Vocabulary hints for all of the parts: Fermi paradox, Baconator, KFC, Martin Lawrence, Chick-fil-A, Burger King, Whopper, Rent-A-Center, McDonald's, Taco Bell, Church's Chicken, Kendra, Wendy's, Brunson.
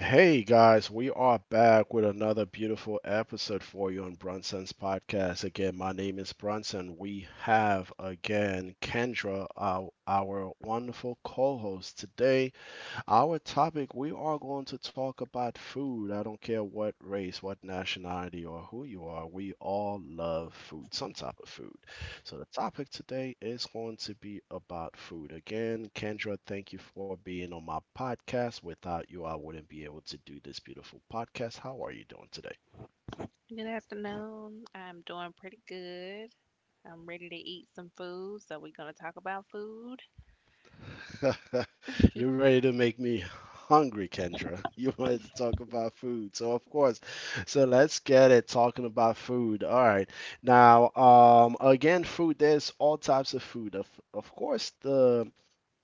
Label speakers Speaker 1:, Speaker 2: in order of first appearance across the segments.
Speaker 1: Hey guys, we are back with another beautiful episode for you on Brunson's podcast. Again, my name is Brunson. We have again Kendra, our wonderful co host today. Our topic, we are going to talk about food. I don't care what race, what nationality, or who you are, we all love food, some type of food. So the topic today is going to be about food. Again, Kendra, thank you for being on my podcast. Without you, I wouldn't be able to do this beautiful podcast. How are you doing today?
Speaker 2: Good afternoon. I'm doing pretty good. I'm ready to eat some food, so we're going to talk about food.
Speaker 1: You're ready to make me hungry, Kendra. You wanted to talk about food. So, of course. So, let's get it talking about food. All right. Again, food, there's all types of food. Of course, the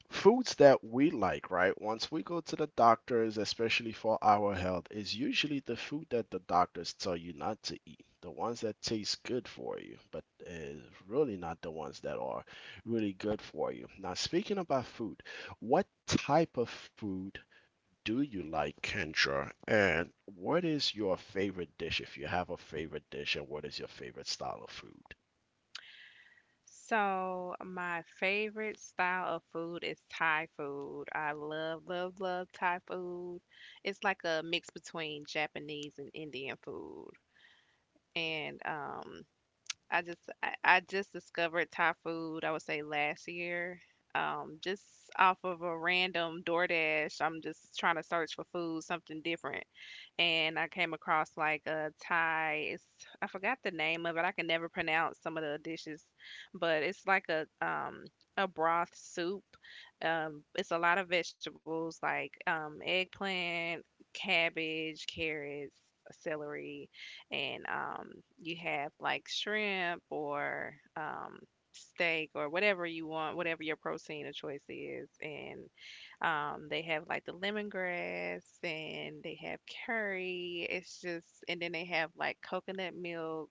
Speaker 1: foods that we like, right? Once we go to the doctors, especially for our health, is usually the food that the doctors tell you not to eat, the ones that taste good for you, but is really not the ones that are really good for you. Now, speaking about food, what type of food do you like, Kendra? And what is your favorite dish if you have a favorite dish, and what is your favorite style of food?
Speaker 2: So, my favorite style of food is Thai food. I love, love, love Thai food. It's like a mix between Japanese and Indian food. And I just discovered Thai food, I would say last year. Just off of a random DoorDash, I'm just trying to search for food, something different and I came across like a Thai. It's I forgot the name of it. I can never pronounce some of the dishes, but it's like a broth soup. It's a lot of vegetables like eggplant, cabbage, carrots, celery, and you have like shrimp or steak or whatever you want, whatever your protein of choice is, and they have like the lemongrass and they have curry. And then they have like coconut milk.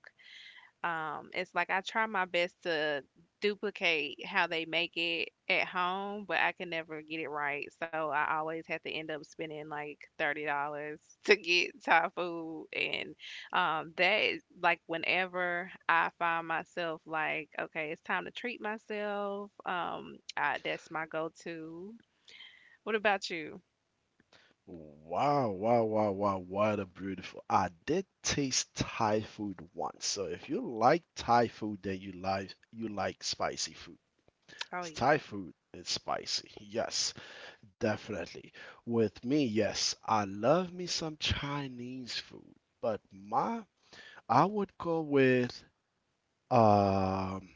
Speaker 2: It's like I try my best to duplicate how they make it at home, but I can never get it right. So I always have to end up spending like $30 to get Thai food. And that is like whenever I find myself like, okay, it's time to treat myself. That's my go-to. What about you?
Speaker 1: Wow, wow, wow, wow, what a beautiful. I did taste Thai food once. So if you like Thai food, then you like spicy food.
Speaker 2: Oh
Speaker 1: It's Thai
Speaker 2: yeah.
Speaker 1: food is spicy. Yes, definitely. With me, yes, I love me some Chinese food, but my I would go with um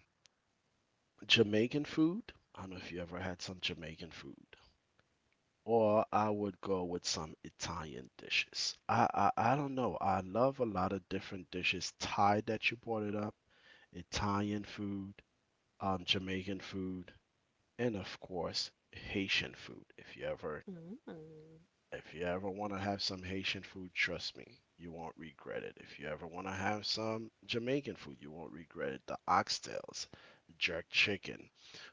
Speaker 1: Jamaican food. I don't know if you ever had some Jamaican food, or I would go with some Italian dishes. I don't know. I love a lot of different dishes. Thai that you brought it up, Italian food, Jamaican food, and of course Haitian food.
Speaker 2: Mm, mm.
Speaker 1: If you ever want to have some Haitian food, trust me, you won't regret it. If you ever want to have some Jamaican food, you won't regret it. The oxtails, jerk chicken,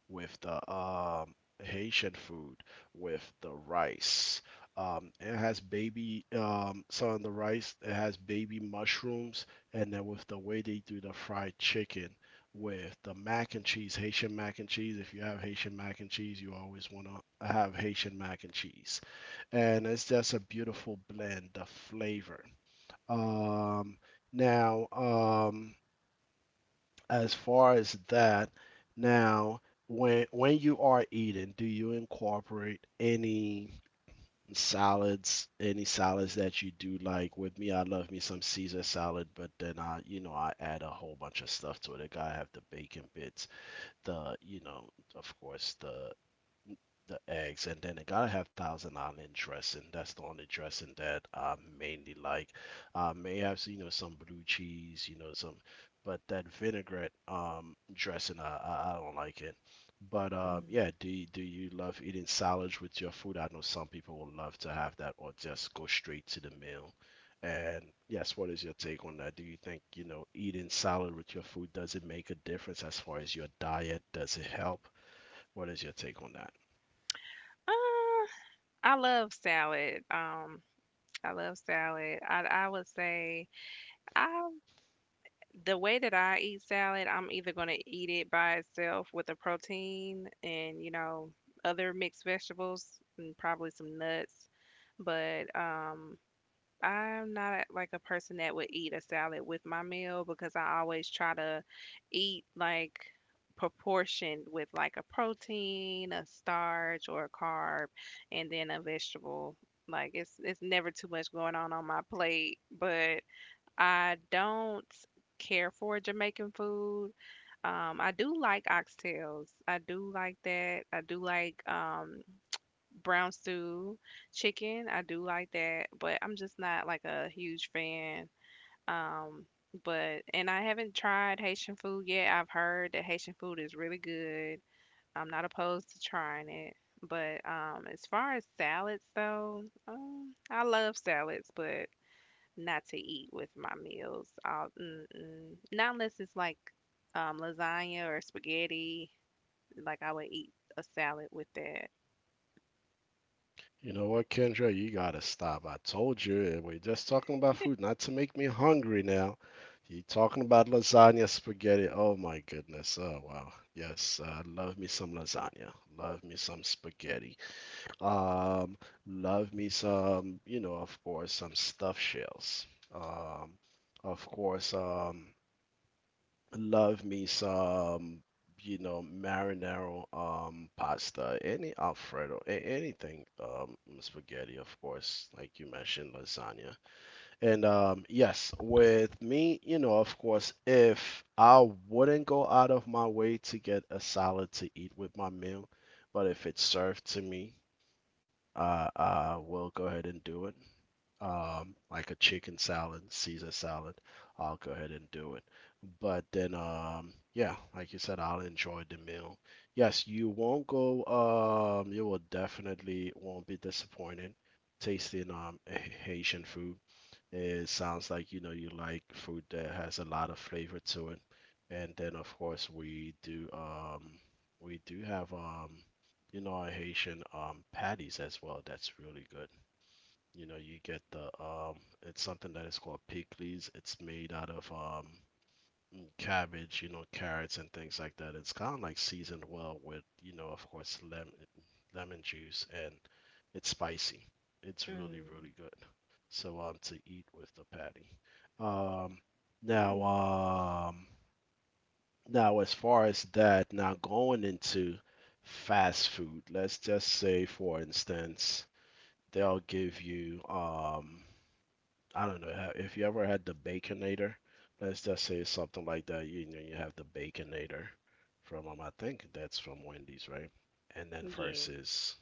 Speaker 1: with the Haitian food, with the rice. It has some of the rice, it has baby mushrooms, and then with the way they do the fried chicken, with the mac and cheese, Haitian mac and cheese. If you have Haitian mac and cheese, you always want to have Haitian mac and cheese, and it's just a beautiful blend of flavor. Um, now, um, as far as that, now when you are eating, do you incorporate any salads that you do like? With me, I love me some Caesar salad, but then I, you know, I add a whole bunch of stuff to it. I gotta have the bacon bits, the, you know, of course, the eggs, and then it gotta have thousand island dressing. That's the only dressing that I mainly like. I may have, you know, some blue cheese, you know, some, but that vinaigrette dressing, I don't like it. But
Speaker 2: Mm.
Speaker 1: yeah, do you love eating salads with your food? I know some people will love to have that, or just go straight to the meal. And yes, what is your take on that? Do you think, you know, eating salad with your food, does it make a difference as far as your diet? Does it help? What is your take on that?
Speaker 2: Uh, I love salad. I love salad. I would say I the way that I eat salad, I'm either gonna eat it by itself with a protein and other mixed vegetables and probably some nuts. But I'm not like a person that would eat a salad with my meal because I always try to eat like proportioned with like a protein, a starch, or a carb, and then a vegetable. Like it's never too much going on my plate, but I don't care for Jamaican food. I do like oxtails. I do like that. I do like brown stew chicken. I do like that, but I'm just not like a huge fan. Um, but and I haven't tried Haitian food yet. I've heard that Haitian food is really good. I'm not opposed to trying it. But as far as salads though, I love salads, but not to eat with my meals. Mm-mm. Not unless it's like lasagna or spaghetti. Like I would eat a salad with that.
Speaker 1: You know what, Kendra? You gotta stop. I told you, we're just talking about food, not to make me hungry now. You talking about lasagna, spaghetti. Oh my goodness. Oh wow. Yes, love me some lasagna. Love me some spaghetti. Um, Love me some, you know, of course, some stuffed shells. Um, of course, um, Love me some, you know, marinara pasta, any Alfredo, a anything, spaghetti, of course, like you mentioned, lasagna. And yes, with me, you know, of course, if I wouldn't go out of my way to get a salad to eat with my meal, but if it's served to me, I will go ahead and do it. Like a chicken salad, Caesar salad, I'll go ahead and do it. But then, yeah, like you said, I'll enjoy the meal. Yes, you won't go, you will definitely won't be disappointed tasting Haitian food. It sounds like you know you like food that has a lot of flavor to it. And then of course we do have you know our Haitian patties as well. That's really good. You know you get the it's something that is called pickles. It's made out of and cabbage, you know, carrots and things like that. It's kind of like seasoned well with, you know, of course, lemon, lemon juice, and it's spicy. It's really,
Speaker 2: Mm.
Speaker 1: really good. So to eat with the patty. Um, now
Speaker 2: Mm.
Speaker 1: um, Now as far as that, now going into fast food, let's just say, for instance, they'll give you I don't know how, if you ever had the Baconator. Let's just say it's something like that. You know, you have the Baconator from I think that's from Wendy's, right? And then
Speaker 2: Yeah.
Speaker 1: versus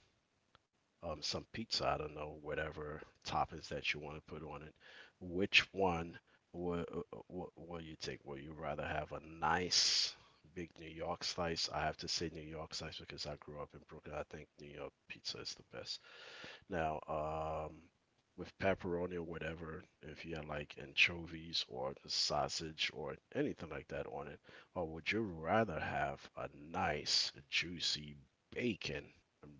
Speaker 1: some pizza. I don't know whatever toppings that you want to put on it. Which one will will you take? Will you rather have a nice big New York slice? I have to say New York slice because I grew up in Brooklyn. I think New York pizza is the best. Now, with pepperoni or whatever, if you had like anchovies or sausage or anything like that on it, or would you rather have a nice juicy bacon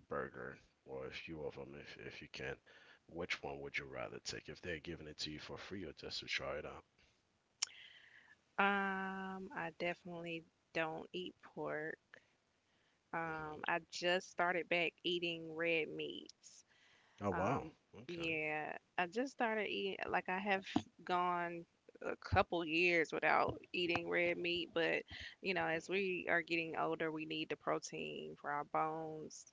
Speaker 1: burger, or a few of them if you can, which one would you rather take if they're giving it to you for free or just to try it out?
Speaker 2: I definitely don't eat pork.
Speaker 1: Hmm.
Speaker 2: I just started back eating red meats.
Speaker 1: Oh wow,
Speaker 2: Um,
Speaker 1: okay.
Speaker 2: yeah, I just started eating, like, I have gone a couple years without eating red meat, but as
Speaker 1: Hmm.
Speaker 2: we are getting older, we need the protein for our bones.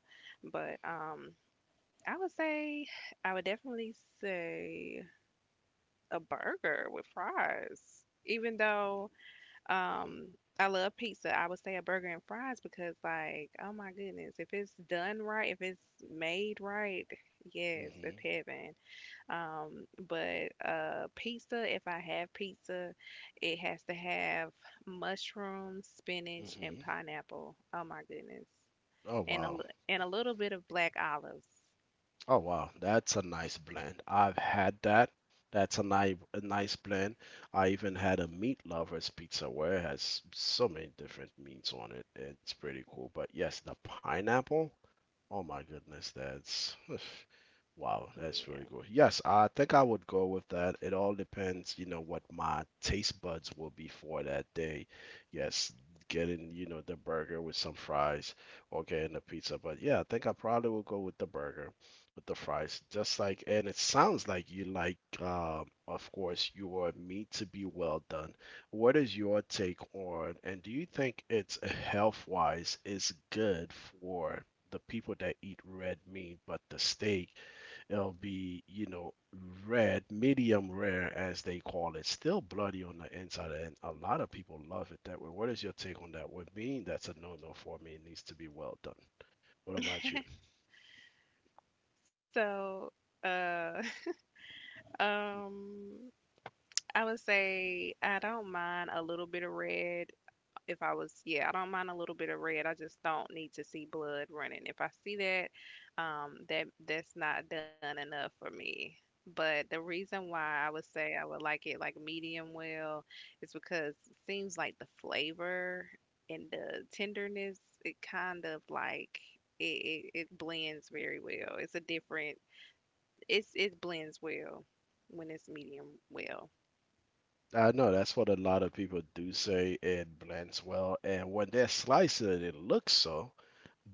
Speaker 2: But I would say, I would definitely say a burger with fries, even though.
Speaker 1: Hmm.
Speaker 2: Um, I love pizza. I would say a burger and fries because, like, oh my goodness, if it's done right, if it's made right, yes,
Speaker 1: Hmm.
Speaker 2: it's heaven. But pizza, if I have pizza, it has to have mushrooms, spinach, and
Speaker 1: Hmm.
Speaker 2: pineapple. Oh my goodness,
Speaker 1: Oh
Speaker 2: and
Speaker 1: wow.
Speaker 2: a little bit of black olives.
Speaker 1: Oh wow, that's a nice blend. I've had that. That's a nice blend. I even had a meat lovers pizza where it has so many different meats on it. It's pretty cool. But yes, the pineapple. Oh my goodness, that's wow, that's really
Speaker 2: Yeah.
Speaker 1: good. Yes, I think I would go with that. It all depends, you know, what my taste buds will be for that day. Yes, getting, you know, the burger with some fries or getting the pizza. But yeah, I think I probably will go with the burger with the fries. Just like, and it sounds like you like, of course, your meat to be well done. What is your take on, and do you think it's health-wise is good for the people that eat red meat, but the steak, it'll be, you know, red, medium rare as they call it, still bloody on the inside, and a lot of people love it that way. What is your take on that? With me, that's a no-no for me. It needs to be well done. What about you?
Speaker 2: So, uh, um, I would say I don't mind a little bit of red. If I was, Yeah, I don't mind a little bit of red. I just don't need to see blood running. If I see that, that's not done enough for me. But the reason why I would say I would like it like medium well is because it seems like the flavor and the tenderness, it kind of like it blends very well. It blends well when it's medium well.
Speaker 1: I know that's what a lot of people do say, it blends well, and when they're slicing it, it looks so.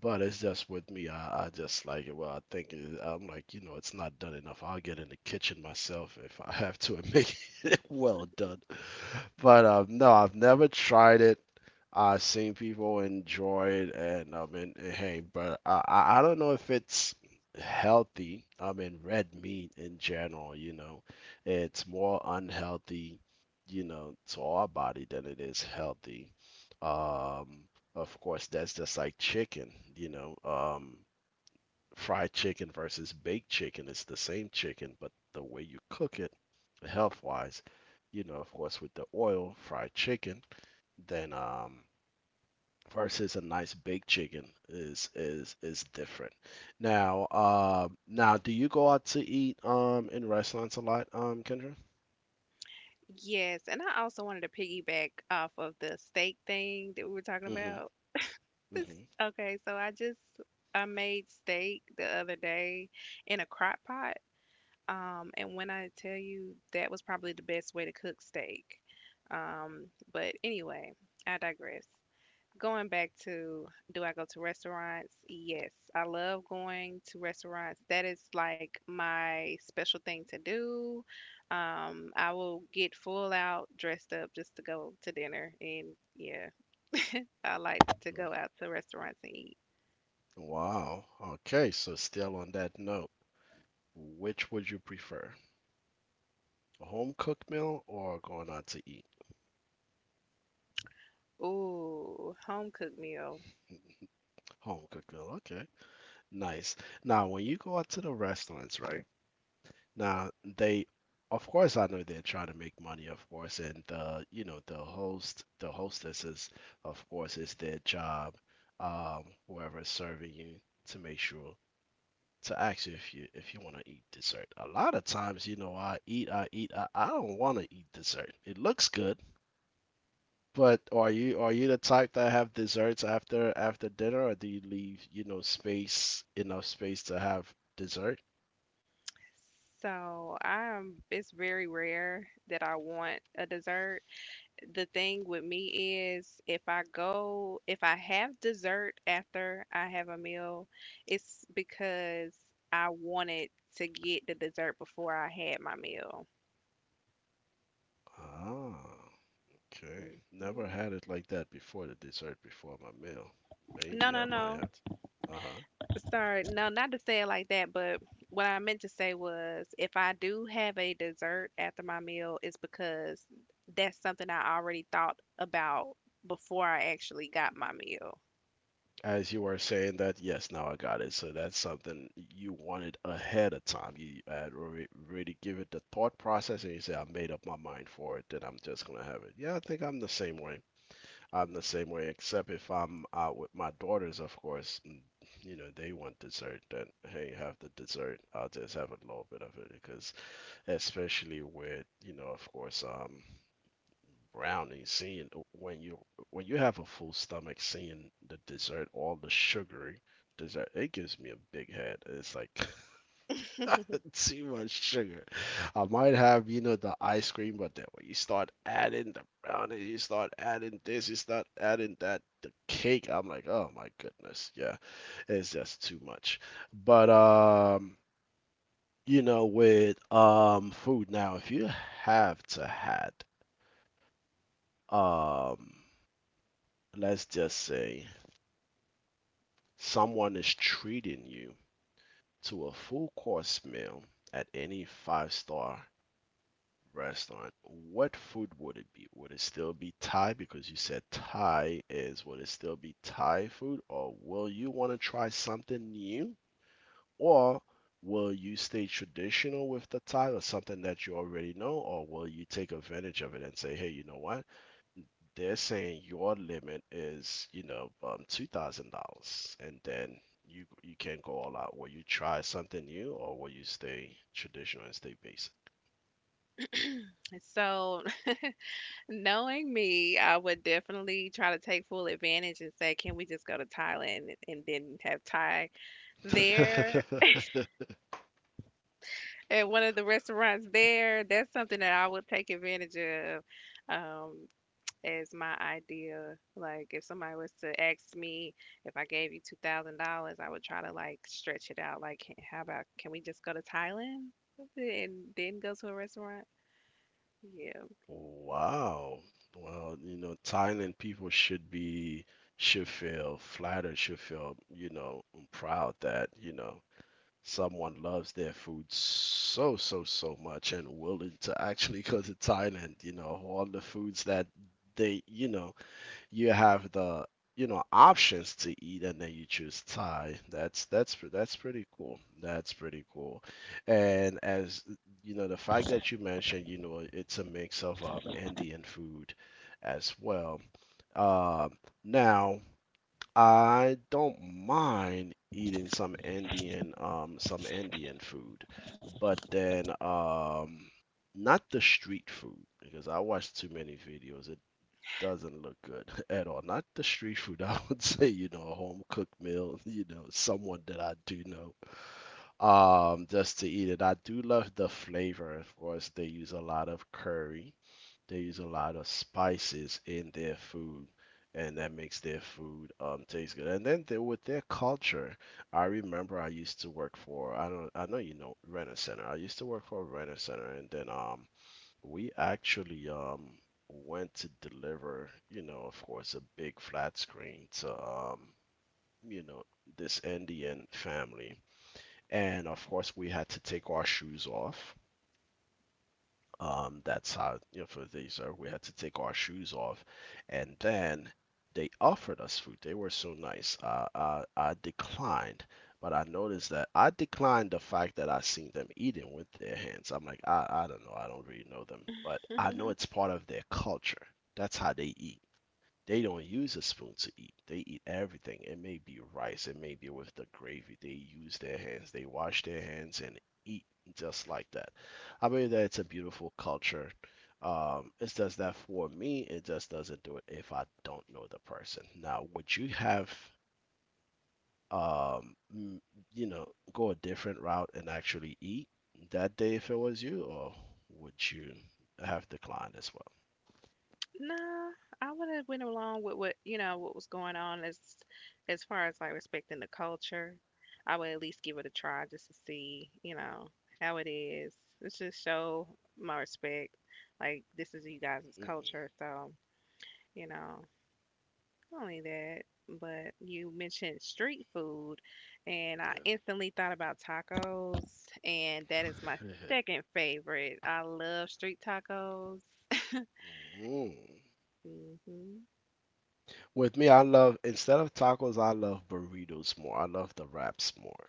Speaker 1: But it's just with me, I just like it. Well, I think it, I'm like, you know, it's not done enough. I'll get in the kitchen myself if I have to and make it well done. But no, I've never tried it. I've seen people enjoy it, and I mean, eh, hey, but I don't know if it's healthy. I mean, red meat in general, you know, it's more unhealthy, you know, to our body than it is healthy. Um, of course, that's just like chicken, you know, fried chicken versus baked chicken. It's the same chicken, but the way you cook it, health wise, you know, of course, with the oil fried chicken, then versus a nice baked chicken is different. Now, now, do you go out to eat in restaurants a lot, Kendra?
Speaker 2: Yes, and I also wanted to piggyback off of the steak thing that we were talking
Speaker 1: Mm-hmm.
Speaker 2: about.
Speaker 1: Mm-hmm. Mm-hmm.
Speaker 2: Okay, so I made steak the other day in a crock pot. And when I tell you that was probably the best way to cook steak. Um, but anyway, I digress. Going back to do I go to restaurants? Yes, I love going to restaurants. That is like my special thing to do. I will get full out dressed up just to go to dinner. And yeah, I like to go out to restaurants and eat.
Speaker 1: Wow. Okay, so still on that note, which would you prefer? A home cooked meal or going out to eat?
Speaker 2: Ooh, home cooked meal.
Speaker 1: Home cooked meal, okay. Nice. Now, when you go out to the restaurants, right? Now, they, of course, I know they're trying to make money, of course, and the, you know, the host, the hostesses, of course, it's their job, whoever's serving you, to make sure to ask you if you want to eat dessert. A lot of times, you know, I don't want to eat dessert. It looks good, but are you the type that have desserts after dinner, or do you leave, you know, space enough space to have dessert?
Speaker 2: It's very rare that I want a dessert. The thing with me is if I have dessert after I have a meal, it's because I wanted to get the dessert before I had my meal.
Speaker 1: Ah, okay. Never
Speaker 2: Mhm.
Speaker 1: had it like that before, the dessert before my meal.
Speaker 2: No,
Speaker 1: Maybe
Speaker 2: no,
Speaker 1: I might
Speaker 2: no.
Speaker 1: have to. Uh-huh.
Speaker 2: Sorry. No, not to say it like that, but what I meant to say was if I do have a dessert after my meal, it's because that's something I already thought about before I actually got my meal.
Speaker 1: As you are saying that, yes, now I got it. So that's something you wanted ahead of time. You had already give it the thought process, and you say, "I made up my mind for it. Then I'm just gonna have it." Yeah, I think I'm the same way. I'm the
Speaker 2: Mm.
Speaker 1: same way, except if I'm out with my daughters, of course. You know, they want dessert. Then hey, have the dessert. I'll just have a little bit of it because, especially with of course, brownie seeing when you have a full stomach, seeing the dessert, all the sugary dessert, it gives me a big head. It's like too much sugar. I might have, the ice cream, but then when you start adding the brownie, you start adding this, you start adding that, the cake, I'm like, oh my goodness. Yeah, it's just too much. But with food, now if you have to had um let's just say someone is treating you to a full course meal at any five-star restaurant, what food would it be? Would it still be Thai because you said Thai is, would it still be Thai food, or will you want to try something new? Or will you stay traditional with the Thai or something that you already know, or will you take advantage of it and say, hey, you know what? They're saying your limit is, $2,000, and then you can go all out. Will you try something new, or will you stay traditional and stay basic?
Speaker 2: So, knowing me, I would definitely try to take full advantage and say, "Can we just go to Thailand and then have Thai there at one of the restaurants there?" That's something that I would take advantage of, um, as my idea. Like, if somebody was to ask me if I gave you $2,000, I would try to like stretch it out. Like, How about can we just go to Thailand and then go to a restaurant? Yeah."
Speaker 1: Wow. Well, you know, Thailand people should be should feel flattered, should feel, you know, proud that, you know, someone loves their food so, so, so much and willing to actually go to Thailand. You know, all the foods that they, you know, you have the, you know, options to eat, and then you choose Thai. That's pretty cool. That's pretty cool. And as you know, the fact that you mentioned, you know, it's a mix of Indian food as well. Um, now I don't mind eating some Indian, some Indian food, but then not the street food because I watch too many videos. It doesn't look good at all. Not the street food, I would say, you know, a home cooked meal, you know, someone that I do know, just to eat it. I do love the flavor. Of course, they use a lot of curry, they use a lot of spices in their food, and that makes their food taste good. And then they, with their culture, I remember I used to work for, I don't, I know you know Rent-A-Center. I used to work for Rent-A-Center, and then we actually went to deliver, you know, of course, a big flat screen to you know, this Indian family. And of course, we had to take our shoes off. That's how, you know, for these, we had to take our shoes off. And then they offered us food. They were so nice. I declined, but I noticed that I declined the fact that I seen them eating with their hands. I'm like, I don't know. I don't really know them, but I know it's part of their culture. That's how they eat. They don't use a spoon to eat. They eat everything. It may be rice, it may be with the gravy. They use their hands. They wash their hands and eat just like that. I believe that it's a beautiful culture. It does that for me. It just doesn't do it if I don't know the person. Now, would you have, um, mm, you know, go a different route and actually eat that day if it was you, or would you have declined as well?
Speaker 2: No, I would have went along with what you know what was going on as far as like respecting the culture. I would at least give it a try just to see how it is. Let's just show my respect. Like, this is you guys'
Speaker 1: Mm,
Speaker 2: culture, so you know not only that. But you mentioned street food, and I
Speaker 1: yeah.
Speaker 2: instantly thought about tacos, and that is my second favorite. I love street tacos.
Speaker 1: Mhm.
Speaker 2: Hmm.
Speaker 1: With me, I love, instead of tacos, I love burritos more. I love the wraps more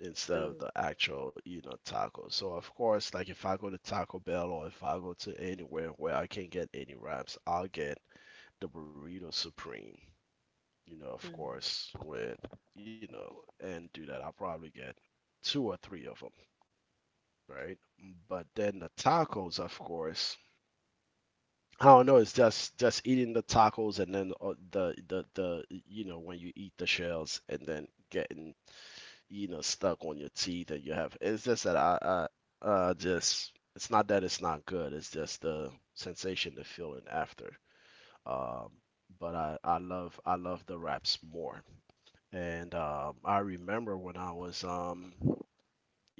Speaker 1: instead of
Speaker 2: Ooh.
Speaker 1: the actual, you know, tacos. So of course, like if I go to Taco Bell or if I go to anywhere where I can get any wraps, I'll get the burrito supreme. You know, of
Speaker 2: Mm.
Speaker 1: course, with, you know, and do that. I'll probably get two or three of them, right? But then the tacos, of course, I don't know. It's just eating the tacos and then the you know, when you eat the shells and then getting, you know, stuck on your teeth, and you have, it's just that I just, it's not that it's not good. It's just the sensation, the feeling after. Um, but I love, I love the wraps more. And I remember when I was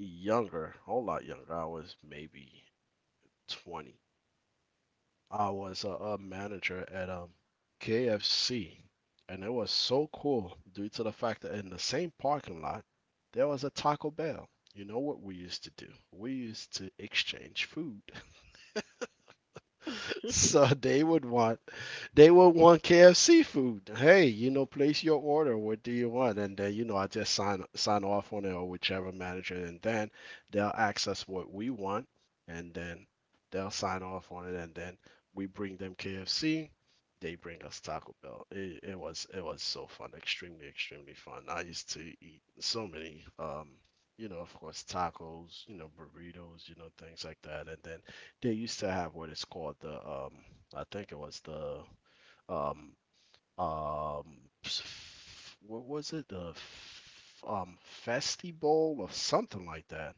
Speaker 1: younger, a whole lot younger. I was maybe 20. I was a manager at KFC, and it was so cool due to the fact that in the same parking lot there was a Taco Bell. You know what we used to do? We used to exchange food. So they would want KFC food. Hey, you know, place your order. What do you want? And then you know, I just sign off on it, or whichever manager, and then they'll ask us what we want, and then they'll sign off on it, and then we bring them KFC. They bring us Taco Bell. It was so fun, extremely extremely fun. I used to eat so many, you know, of course, tacos, you know, burritos, you know, things like that, and then they used to have what is called the I think it was the um um what was it? The Festi Bowl or something like that.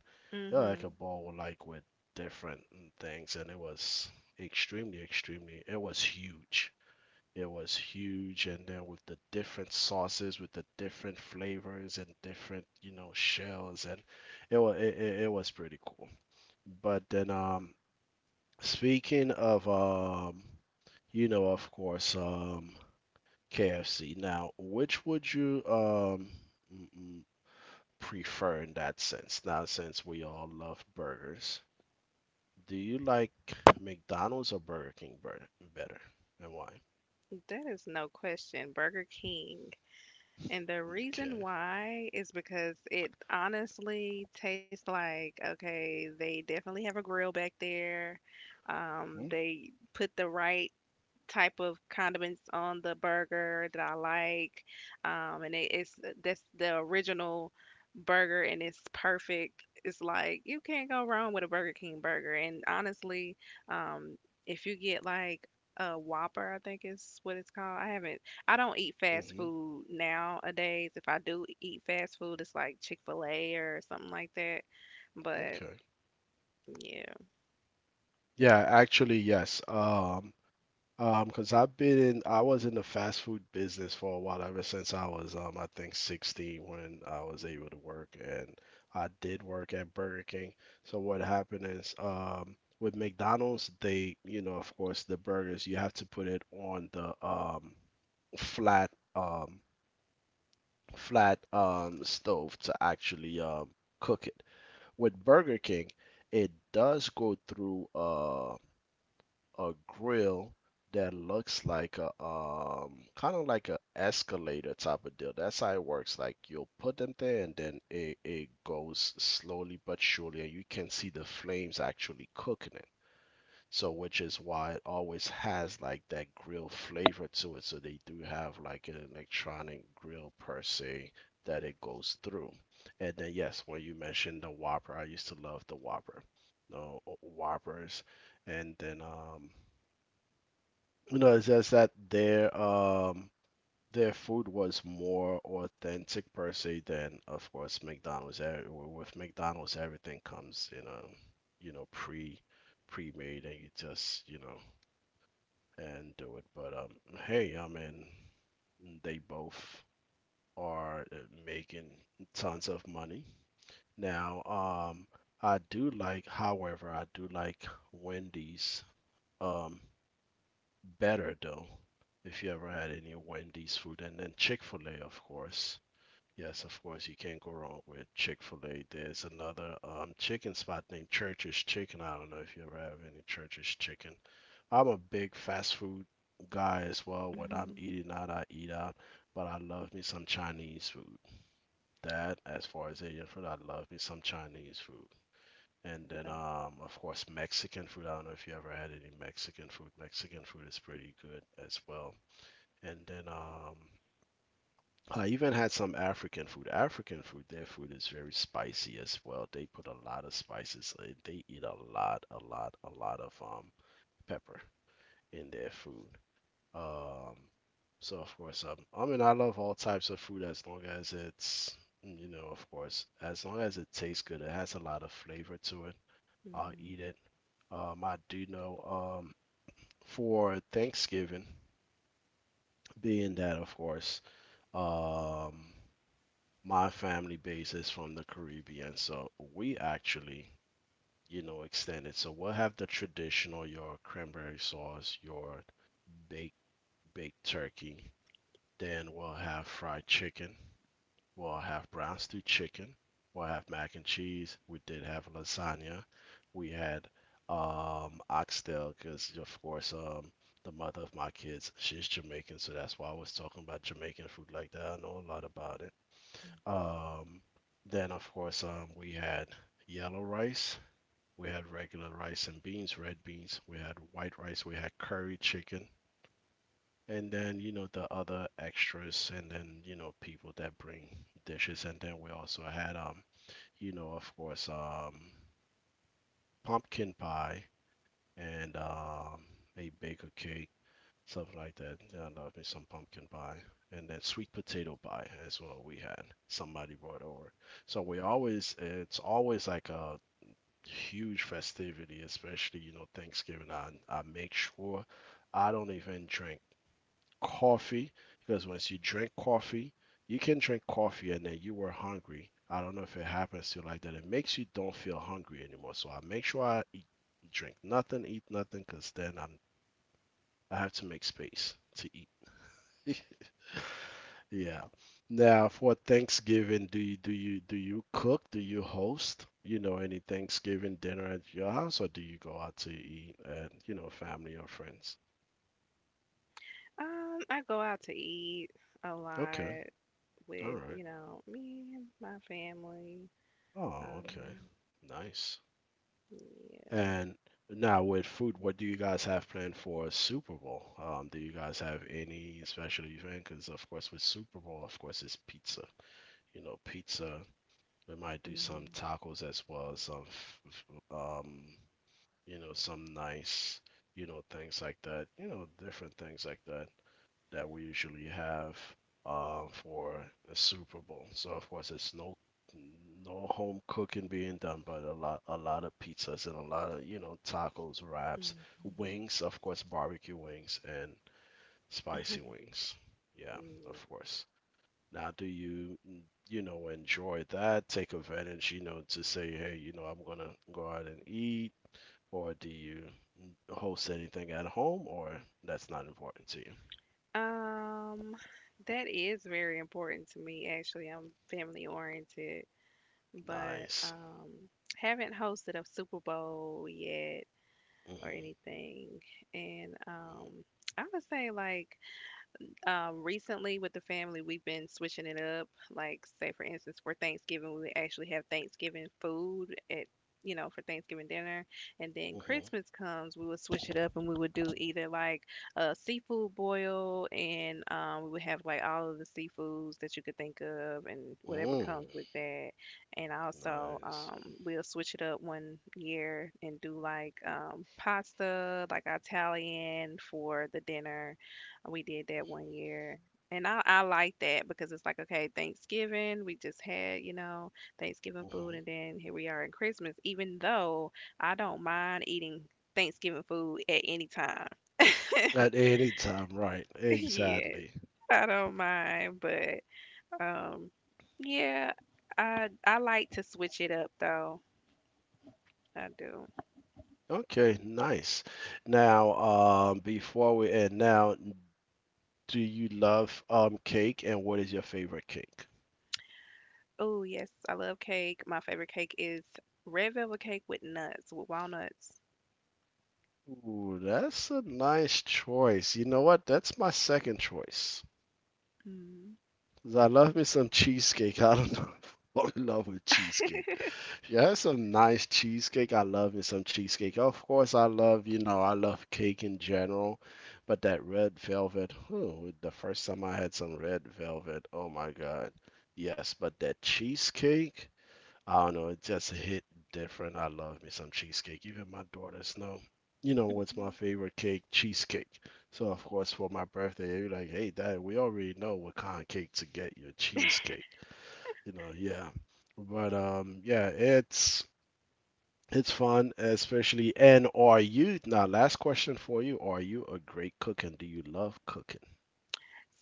Speaker 1: Yeah, like
Speaker 2: Mm-hmm.
Speaker 1: a bowl, like with different things, and it was extremely, it was huge. It was huge, and then with the different sauces, with the different flavors and different, you know, shells, and it was, it was pretty cool. But then Speaking of, you know, of course, KFC. Now, which would you mm, mm, prefer in that sense? Now, since we all love burgers, do you like McDonald's or Burger King better, and why?
Speaker 2: That is no question. Burger King. And the reason
Speaker 1: Okay.
Speaker 2: why is because it honestly tastes like, okay, they definitely have a grill back there.
Speaker 1: Hmm.
Speaker 2: They put the right type of condiments on the burger that I like. And it, it's that's the original burger, and it's perfect. It's like you can't go wrong with a Burger King burger. And honestly, um, if you get like a Whopper, I think is what it's called. I haven't. I don't eat fast
Speaker 1: Hmm.
Speaker 2: food nowadays. If I do eat fast food, it's like Chick Fil A or something like that. But
Speaker 1: Okay.
Speaker 2: yeah.
Speaker 1: Yeah, actually, yes. Because I've been in, I was in the fast food business for a while, ever since I was, I think 16 when I was able to work, and I did work at Burger King. So what happened is, with McDonald's, they, you know, of course, the burgers, you have to put it on the, flat, um, flat, stove to actually, cook it. With Burger King, it does go through, a grill that looks like a kind of like a escalator type of deal. That's how it works. Like you'll put them there, and then it goes slowly but surely, and you can see the flames actually cooking it. So which is why it always has like that grill flavor to it. So they do have like an electronic grill per se that it goes through. And then yes, when you mentioned the Whopper, I used to love the Whopper. The Whoppers, and then you know, it's just that their food was more authentic per se than of course McDonald's. With McDonald's, everything comes in a, you know, pre-made, and you just, you know, and do it. But hey, I mean, they both are making tons of money now. I do like, however, I do like Wendy's. Um, better though, if you ever had any Wendy's food, and then Chick-fil-A of course. Yes, of course you can't go wrong with Chick-fil-A. There's another chicken spot named Church's Chicken. I don't know if you ever have any Church's Chicken. I'm a big fast food guy as well. When I'm eating out, I eat out, but I love me some Chinese food. That, as far as Asian food, I love me some Chinese food. And then,
Speaker 2: Uh,
Speaker 1: of course, Mexican food. I don't know if you ever had any Mexican food. Mexican food is pretty good as well. And then, I even had some African food. African food, their food is very spicy as well. They put a lot of spices. They eat a lot, a lot, a lot of pepper in their food. Um, so of course, I mean, I love all types of food as long as it's, you know, of course, as long as it tastes good. It has a lot of flavor to it. I'll
Speaker 2: mm,
Speaker 1: eat it. I do know for Thanksgiving, being that, of course, um, my family base is from the Caribbean, so we actually, you know, extend it. So we'll have the traditional, your cranberry sauce, your baked baked turkey. Then we'll have fried chicken. We'll have brown stew chicken. We'll have mac and cheese. We did have lasagna. We had oxtail, because of course the mother of my kids, she's Jamaican, so that's why I was talking about Jamaican food like that. I know a lot about it.
Speaker 2: mm,
Speaker 1: Um, then of course we had yellow rice. We had regular rice and beans, red beans. We had white rice. We had curry chicken. And then, you know, the other extras, and then, you know, people that bring dishes. And then we also had, um, pumpkin pie and a baker cake, something like that. Yeah, I love me some pumpkin pie. And then sweet potato pie as well we had. Somebody brought over. So we always, it's always like a huge festivity, especially, you know, Thanksgiving. I make sure I don't even drink coffee, because once you drink coffee, you can drink coffee and then you were hungry. I don't know if it happens to you like that. It makes you don't feel hungry anymore. So I make sure I eat, drink nothing, eat nothing, because then I'm, I have to make space to eat.
Speaker 2: mm.
Speaker 1: Yeah. Now for Thanksgiving, do you cook? Do you host? You know, any Thanksgiving dinner at your house, or do you go out to eat at, you know, family or friends?
Speaker 2: I go out to eat a
Speaker 1: Okay.
Speaker 2: lot
Speaker 1: All
Speaker 2: with,
Speaker 1: right.
Speaker 2: me, and my family.
Speaker 1: Oh, okay.
Speaker 2: Um,
Speaker 1: Nice.
Speaker 2: yeah.
Speaker 1: And now with food, what do you guys have planned for Super Bowl? Do you guys have any special event? Because of course with Super Bowl, of course it's pizza. You know, pizza. We might do some
Speaker 2: Mhm,
Speaker 1: tacos as well, some you know, some nice, you know, things like that. You know, different things like that that we usually have for the Super Bowl. So of course, it's no home cooking being done, but a lot of pizzas and a lot of, you know, tacos, wraps,
Speaker 2: mhm,
Speaker 1: wings, of course, barbecue wings and spicy wings. Yeah, of
Speaker 2: yeah.
Speaker 1: course. Now, do you, you know, enjoy that? Take advantage, you know, to say, hey, you know, I'm gonna go out and eat, or do you host anything at home, or that's not important to you?
Speaker 2: Um, that is very important to me, actually. I'm family oriented, but
Speaker 1: Nice.
Speaker 2: um, haven't hosted a Super Bowl yet or
Speaker 1: Hmm.
Speaker 2: anything. And I would say, like, recently with the family, we've been switching it up. Like, say for instance, for Thanksgiving, we actually have Thanksgiving food at you know for Thanksgiving dinner, and then
Speaker 1: Mm-hmm.
Speaker 2: Christmas comes, we would switch it up and we would do either like a seafood boil, and we would have like all of the seafoods that you could think of, and
Speaker 1: Mm-hmm.
Speaker 2: whatever
Speaker 1: Mm.
Speaker 2: comes with that. And also,
Speaker 1: Nice.
Speaker 2: we'll switch it up one year and do like pasta, like Italian for the dinner we did that one year. And I like that because it's like, okay, Thanksgiving, we just had, Thanksgiving
Speaker 1: Hmm.
Speaker 2: food,
Speaker 1: Hmm.
Speaker 2: and then here we are in Christmas, even though I don't mind eating Thanksgiving food at any time.
Speaker 1: At any time, right?
Speaker 2: Yes,
Speaker 1: Exactly.
Speaker 2: I don't mind, but um, yeah, I like to switch it up though. I do.
Speaker 1: Okay, nice. Now, before we end, now, do you love cake, and what is your favorite cake?
Speaker 2: Oh, yes, I love cake. My favorite cake is red velvet cake with nuts, with walnuts.
Speaker 1: Ooh, that's a nice choice. You know what? That's my second choice.
Speaker 2: Mm.
Speaker 1: 'Cause I love me some cheesecake. I don't know. I'm in love with cheesecake. If you, it's some nice cheesecake. I love me some cheesecake. Of course, I love, you know, I love cake in general, but that red velvet, oh, the first time I had some red velvet, oh my God. Yes, but that cheesecake, I don't know. It just hit different. I love me some cheesecake. Even my daughters know. You know what's my favorite cake? Cheesecake. So of course for my birthday, you're like, hey dad, we already know what kind of cake to get, your cheesecake. You know, yeah. But yeah, it's fun, especially. And are you now? Last question for you: are you a great cook, and do you love cooking?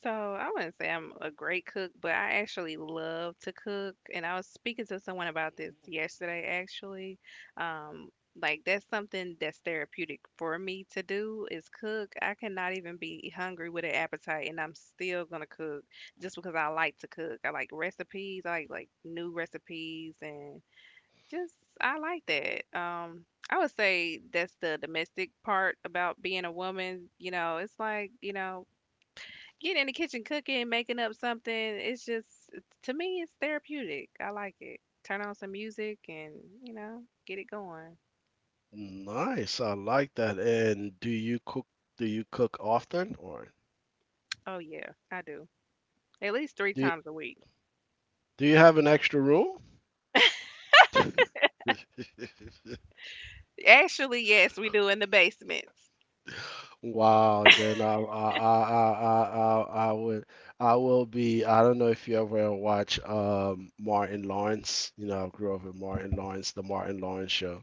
Speaker 2: So I wouldn't say I'm a great cook, but I actually love to cook. And I was speaking to someone about this yesterday, actually. Um, like, that's something that's therapeutic for me to do is cook. I cannot even be hungry with an appetite, and I'm still gonna cook just because I like to cook. I like recipes. I like new recipes, and just I like that. I would say that's the domestic part about being a woman. It's like getting in the kitchen cooking, making up something, it's just to me it's therapeutic. I like it. Turn on some music and, get it going.
Speaker 1: Nice, I like that. And do you cook? Do you cook often, or
Speaker 2: Oh yeah, I do. At least three
Speaker 1: do you,
Speaker 2: times a week.
Speaker 1: do you have an extra room?
Speaker 2: Actually, yes, we do in the basements.
Speaker 1: Wow, then I would, I will be. I don't know if you ever watch Martin Lawrence. You know, I grew up with Martin Lawrence, the Martin Lawrence show,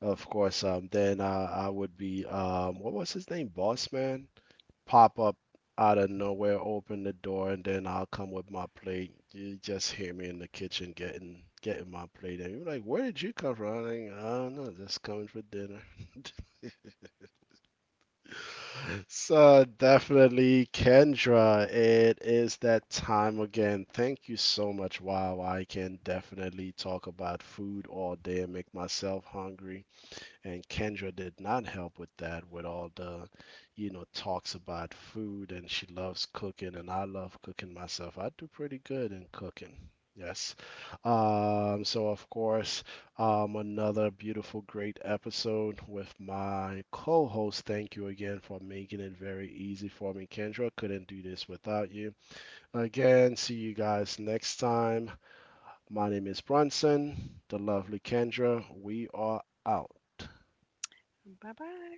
Speaker 1: of course. Then I would be what was his name? Boss man, pop up out of nowhere, open the door, and then I'll come with my plate. You just hear me in the kitchen getting my plate, and you're like, "Where did you come from?" I'm like, "I don't know, just coming for dinner." So definitely, Kendra, it is that time again. Thank you so much. Wow, I can definitely talk about food all day and make myself hungry. And Kendra did not help with that, with all the, you know, talks about food, and she loves cooking and I love cooking myself. I do pretty good in cooking. Yes. So of course, another beautiful, great episode with my co-host. Thank you again for making it very easy for me, Kendra. Couldn't do this without you. Again, see you guys next time. My name is Bronson, the lovely Kendra. We are out.
Speaker 2: Bye-bye.